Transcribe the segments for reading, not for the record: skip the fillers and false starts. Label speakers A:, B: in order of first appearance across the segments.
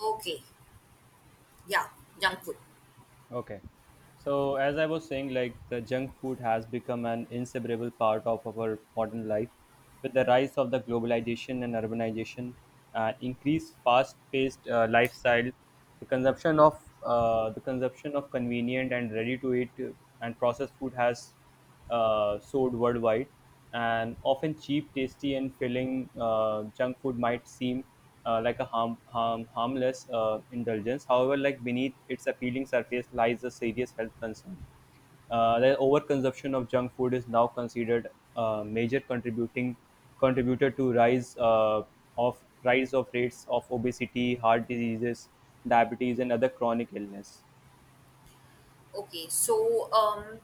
A: Okay, yeah, junk food.
B: Okay. So, as I was saying, like the junk food has become an inseparable part of our modern life. With the rise of the globalization and urbanization and increased fast-paced lifestyle, the consumption of convenient and ready-to-eat and processed food has sold worldwide, and often cheap, tasty, and filling junk food might seem like a harmless indulgence. However, like beneath its appealing surface lies a serious health concern. The overconsumption of junk food is now considered a major contributing contributor to rise of rates of obesity, heart diseases, diabetes, and other chronic illness.
A: Okay, So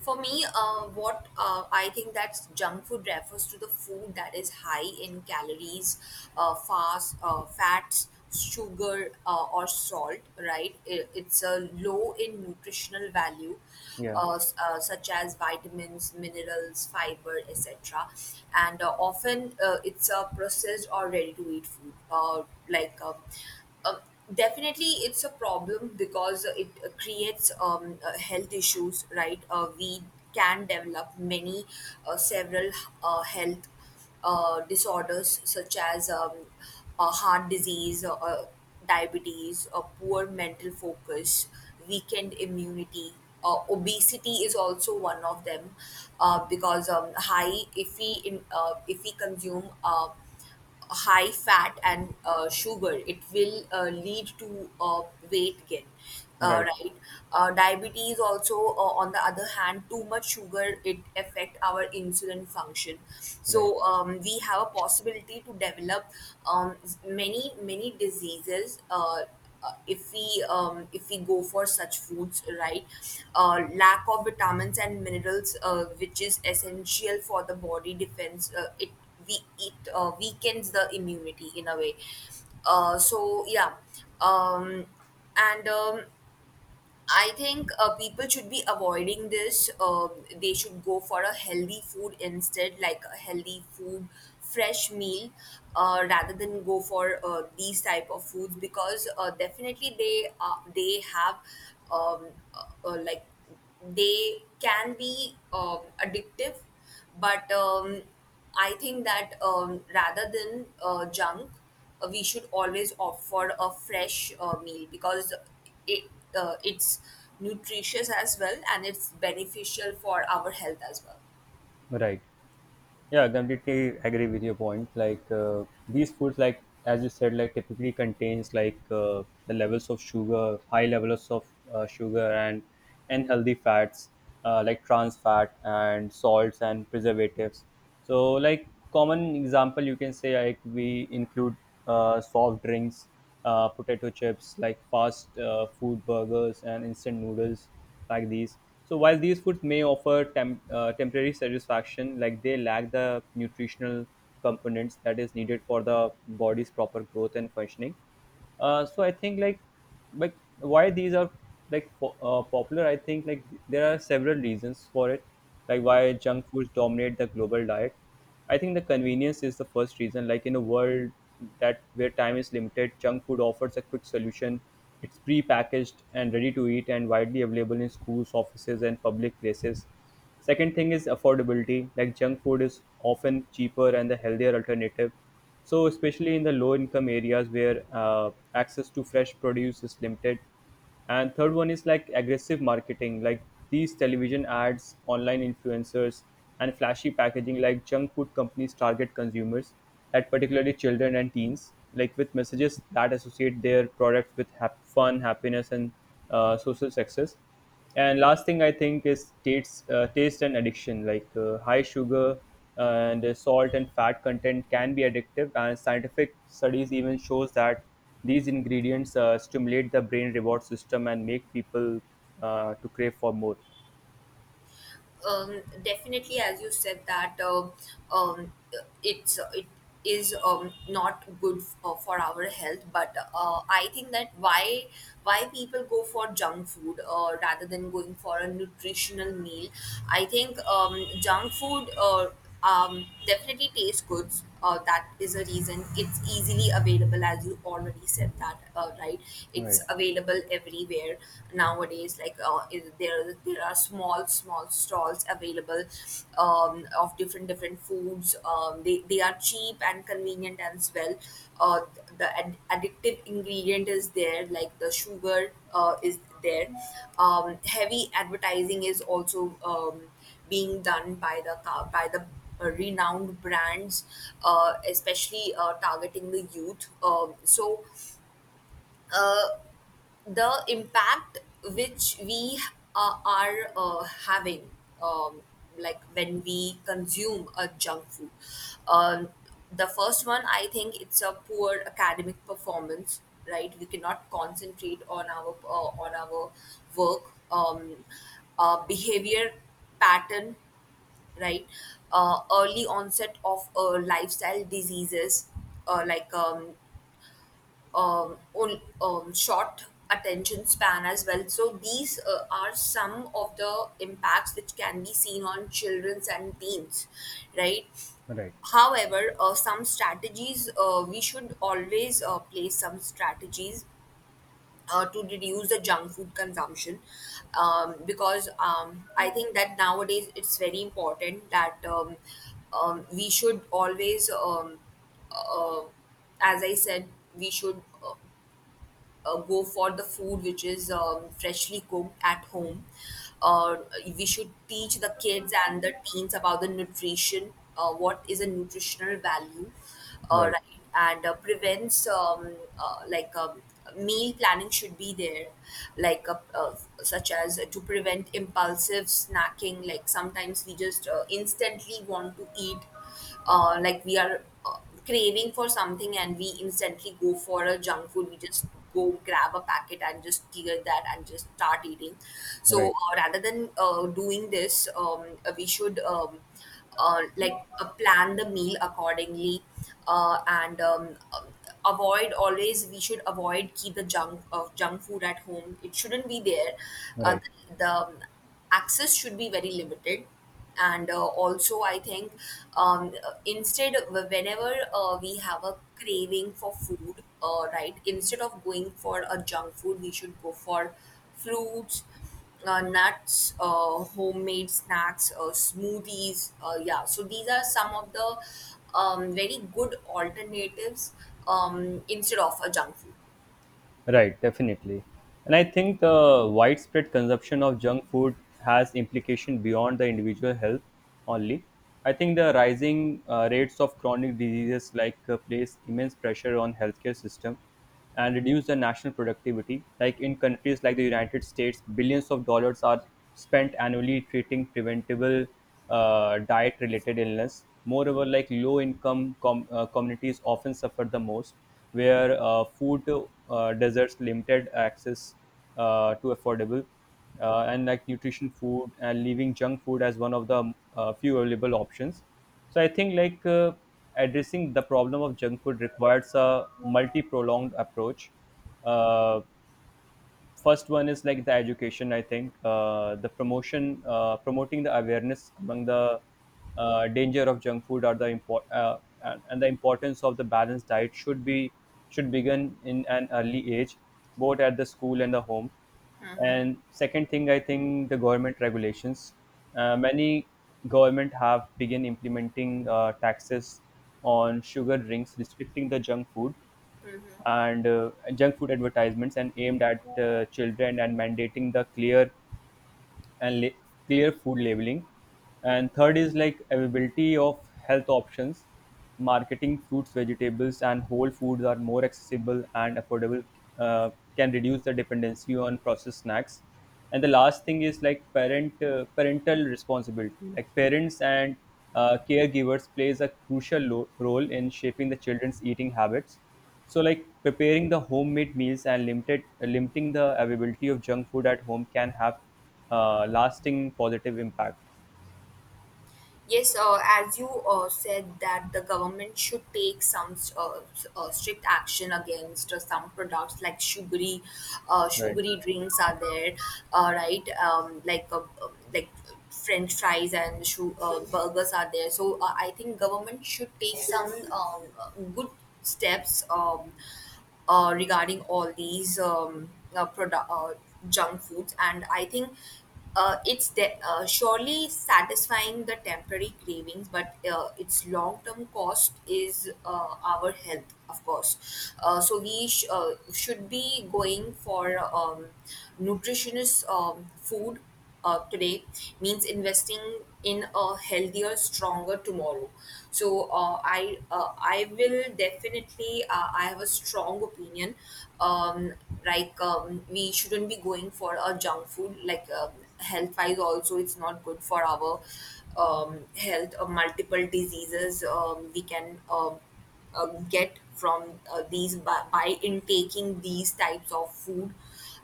A: for me, what I think that junk food refers to the food that is high in calories, fats, sugar, or salt. Right? It's low in nutritional value,
B: Yeah,
A: such as vitamins, minerals, fiber, etc. And often it's a processed or ready-to-eat food, like. Uh, Um, Definitely it's a problem because it creates health issues, right? We can develop many several health disorders such as heart disease, diabetes, poor mental focus, weakened immunity, obesity is also one of them, because high if we in, if we consume high fat and sugar, it will lead to weight gain,
B: right,
A: right. Diabetes also, on the other hand, too much sugar, it affect our insulin function,
B: right,
A: so we have a possibility to develop, um, many many diseases, if we go for such foods, right. Lack of vitamins and minerals, which is essential for the body defense, it weakens the immunity in a way, so yeah. Um, and um, I think people should be avoiding this. They should go for a healthy food, instead like a healthy food, fresh meal, rather than go for these type of foods, because definitely they have, um, like they can be addictive. But I think that, rather than junk, we should always opt for a fresh meal, because it it's nutritious as well, and it's beneficial for our health as well.
B: right. Yeah, I completely agree with your point. Like these foods, like as you said, like typically contains like the levels of sugar, high levels of sugar and unhealthy fats, like trans fat and salts and preservatives. So, like common example, you can say like we include soft drinks, potato chips, like fast food burgers and instant noodles like these. So while these foods may offer temporary satisfaction, like they lack the nutritional components that is needed for the body's proper growth and functioning. So I think like why these are like popular. I think like there are several reasons for it, like why junk foods dominate the global diet. I think the convenience is the first reason. Like in a world that where time is limited, junk food offers a quick solution. It's pre-packaged and ready to eat and widely available in schools, offices, and public places. Second thing is affordability. Like junk food is often cheaper and the healthier alternative. So especially in the low-income areas where access to fresh produce is limited, and third one is like aggressive marketing like these television ads online influencers and flashy packaging like junk food companies target consumers at particularly children and teens like with messages that associate their products with fun happiness and social success and last thing I think is taste taste and addiction like high sugar and salt and fat content can be addictive and scientific studies even shows that these ingredients stimulate the brain reward system and make people to crave for more.
A: Definitely, as you said, that, um, it's it is not good for our health. But I think that, why people go for junk food rather than going for a nutritional meal. I think, junk food definitely tastes good, that is a reason. It's easily available, as you already said, that right, it's available everywhere nowadays, there there are small small stalls available, of different different foods. They are cheap and convenient as well. uh, the addictive ingredient is there, like the sugar is there. Heavy advertising is also being done by the renowned brands, especially targeting the youth. So uh, the impact which we are having, um, like when we consume a junk food, um, the first one I think, it's a poor academic performance. Right, we cannot concentrate on our work. Um, Behavior pattern, right? Early onset of lifestyle diseases, uh, like um, short attention span as well. So these are some of the impacts which can be seen on childrens and teens, right?
B: Right,
A: However, some strategies, we should always place some strategies to reduce the junk food consumption, because, I think that nowadays it's very important that, we should always, uh, as I said, we should go for the food which is freshly cooked at home. Uh, we should teach the kids and the teens about the nutrition, what is a nutritional value,
B: right,
A: right? And prevents, meal planning should be there, like uh, uh, such as to prevent impulsive snacking. Like sometimes we just instantly want to eat, like we are craving for something, and we instantly go for a junk food. We just go grab a packet, and just tear that, and just start eating. So
B: right,
A: rather than doing this. We should plan the meal accordingly, and avoid, always we should avoid keep the junk of junk food at home, it shouldn't be there. uh,
B: right.
A: the access should be very limited. And also I think, um, instead, whenever we have a craving for food, right, instead of going for a junk food, we should go for fruits, nuts, homemade snacks, smoothies. Yeah, so these are some of the, very good alternatives, instead of a junk food.
B: Right, definitely. And I think the widespread consumption of junk food has implication beyond the individual health only. I think the rising rates of chronic diseases like place immense pressure on healthcare system and reduce the national productivity. Like in countries like the United States, billions of dollars are spent annually treating preventable diet related illness. Moreover, like low income communities often suffer the most, where food deserts limited access to affordable and like nutrition food and leaving junk food as one of the few available options. So I think like addressing the problem of junk food requires a multi-prolonged approach. Uh, first one is like the education I think the promotion promoting the awareness among the danger of junk food or the import and the importance of the balanced diet should begin in an early age both at the school and the home and second thing I think the government regulations many government have begun implementing taxes on sugar drinks restricting the junk food and junk food advertisements and aimed at children and mandating the clear and la- clear food labeling. And third is like availability of health options. Marketing fruits, vegetables, and whole foods are more accessible and affordable, uh, can reduce the dependency on processed snacks. And the last thing is like parental responsibility. Like parents and caregivers plays a crucial role in shaping the children's eating habits. So, like preparing the homemade meals and limited limiting the availability of junk food at home can have lasting positive impact.
A: Yes, as you said that the government should take some strict action against some products, like sugary,
B: Right,
A: sugary drinks are there, right? Like French fries and burgers are there. So I think government should take some good steps. Regarding all these product, junk foods. And I think it's surely satisfying the temporary cravings, but its long term cost is our health, of course. So we should be going for, nutritious food today, means investing in a healthier, stronger tomorrow. So I will definitely, I have a strong opinion. Um, we shouldn't be going for a junk food. Like, health wise, also it's not good for our, health. Multiple diseases, we can, get from these, by intaking these types of food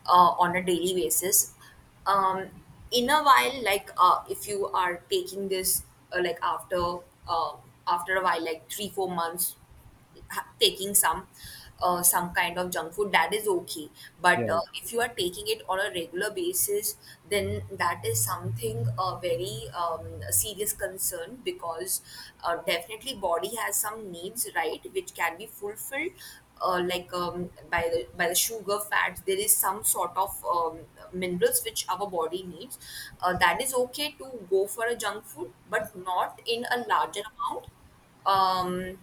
A: on a daily basis. um, in a while, if you are taking this, like uh, after a while, like 3 or 4 months, taking some kind of junk food, that is okay. But
B: yeah,
A: if you are taking it on a regular basis, then that is something a very serious concern, because definitely body has some needs, right, which can be fulfilled, by the sugar fats. There is some sort of minerals which our body needs, that is okay to go for a junk food, but not in a larger amount. um,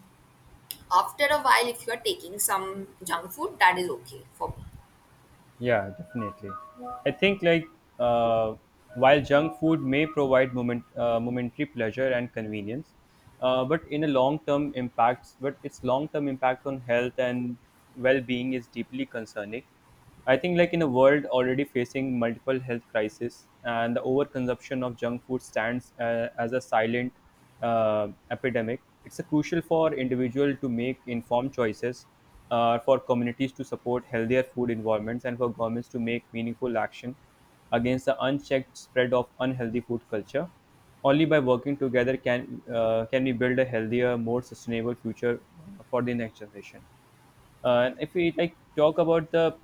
A: After a while, if you're taking some junk food, that is okay for me.
B: yeah, definitely. I think like uh, while junk food may provide momentary pleasure and convenience, but its long term impact on health and well being is deeply concerning. I think like in a world already facing multiple health crises and the overconsumption of junk food stands as a silent epidemic, it's a crucial for individual to make informed choices, for communities to support healthier food environments, and for governments to make meaningful action against the unchecked spread of unhealthy food culture. Only by working together can we build a healthier, more sustainable future for the next generation. And if we like talk about the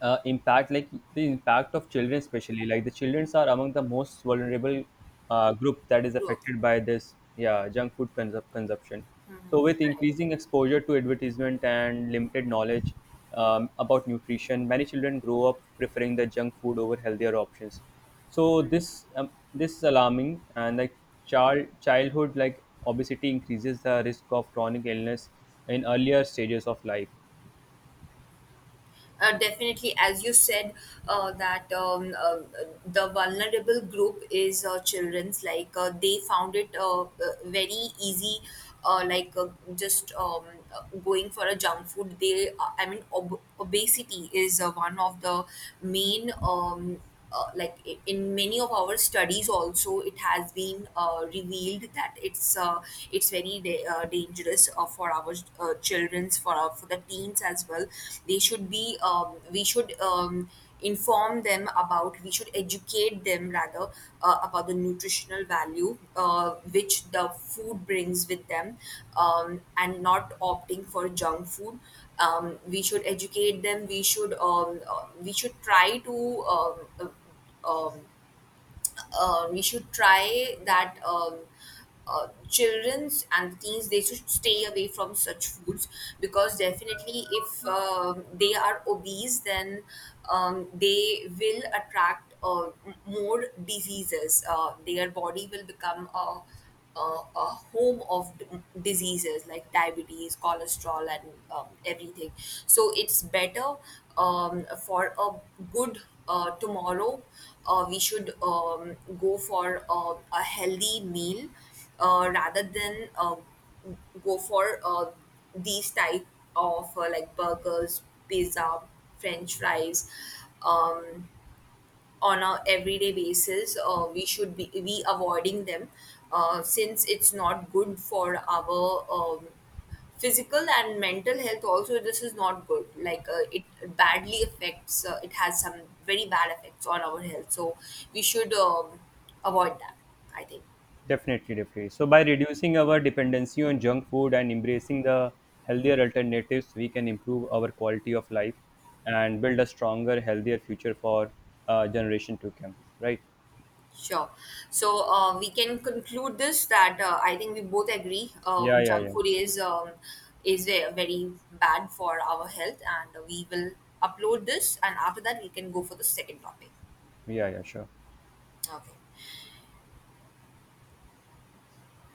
B: impact like the impact of children especially like the children are among the most vulnerable group that is
A: Gro-
B: affected by this yeah junk food consumption so with
A: Correct.
B: increasing exposure to advertisement and limited knowledge about nutrition many children grow up preferring the junk food over healthier options. So this is alarming and like childhood like obesity increases the risk of chronic illness in earlier stages of life.
A: Definitely, as you said that the vulnerable group is children's, like they found it, very easy, like just going for a junk food. They, I mean, obesity is one of the main, in many of our studies also it has been revealed that it's very dangerous for our children's, for our, for the teens as well. They should be We should, inform them about, we should educate them rather, about the nutritional value which the food brings with them, and not opting for junk food. We should educate them, we should, we should try to, um, uh, um, we should try that children's and teens, they should stay away from such foods, because definitely if they are obese, then they will attract more diseases. Their body will become a home of diseases, like diabetes, cholesterol, and everything. So it's better for a good tomorrow. We should go for a healthy meal, rather than go for these type of, like burgers, pizza, French fries. Um, on a everyday basis, we should be avoiding them, since it's not good for our physical and mental health. Also this is not good, it badly affects, it has some very bad effects on our health. So we should avoid that, I think.
B: Definitely, definitely. So, by reducing our dependency on junk food and embracing the healthier alternatives, we can improve our quality of life and build a stronger, healthier future for generation to come. Right?
A: Sure. So we can conclude this that, I think we both agree,
B: Yeah, yeah,
A: junk
B: yeah.
A: food is, very bad for our health, and we will upload this, and after that we can go for the second topic.
B: Yeah, yeah, sure.
A: Okay.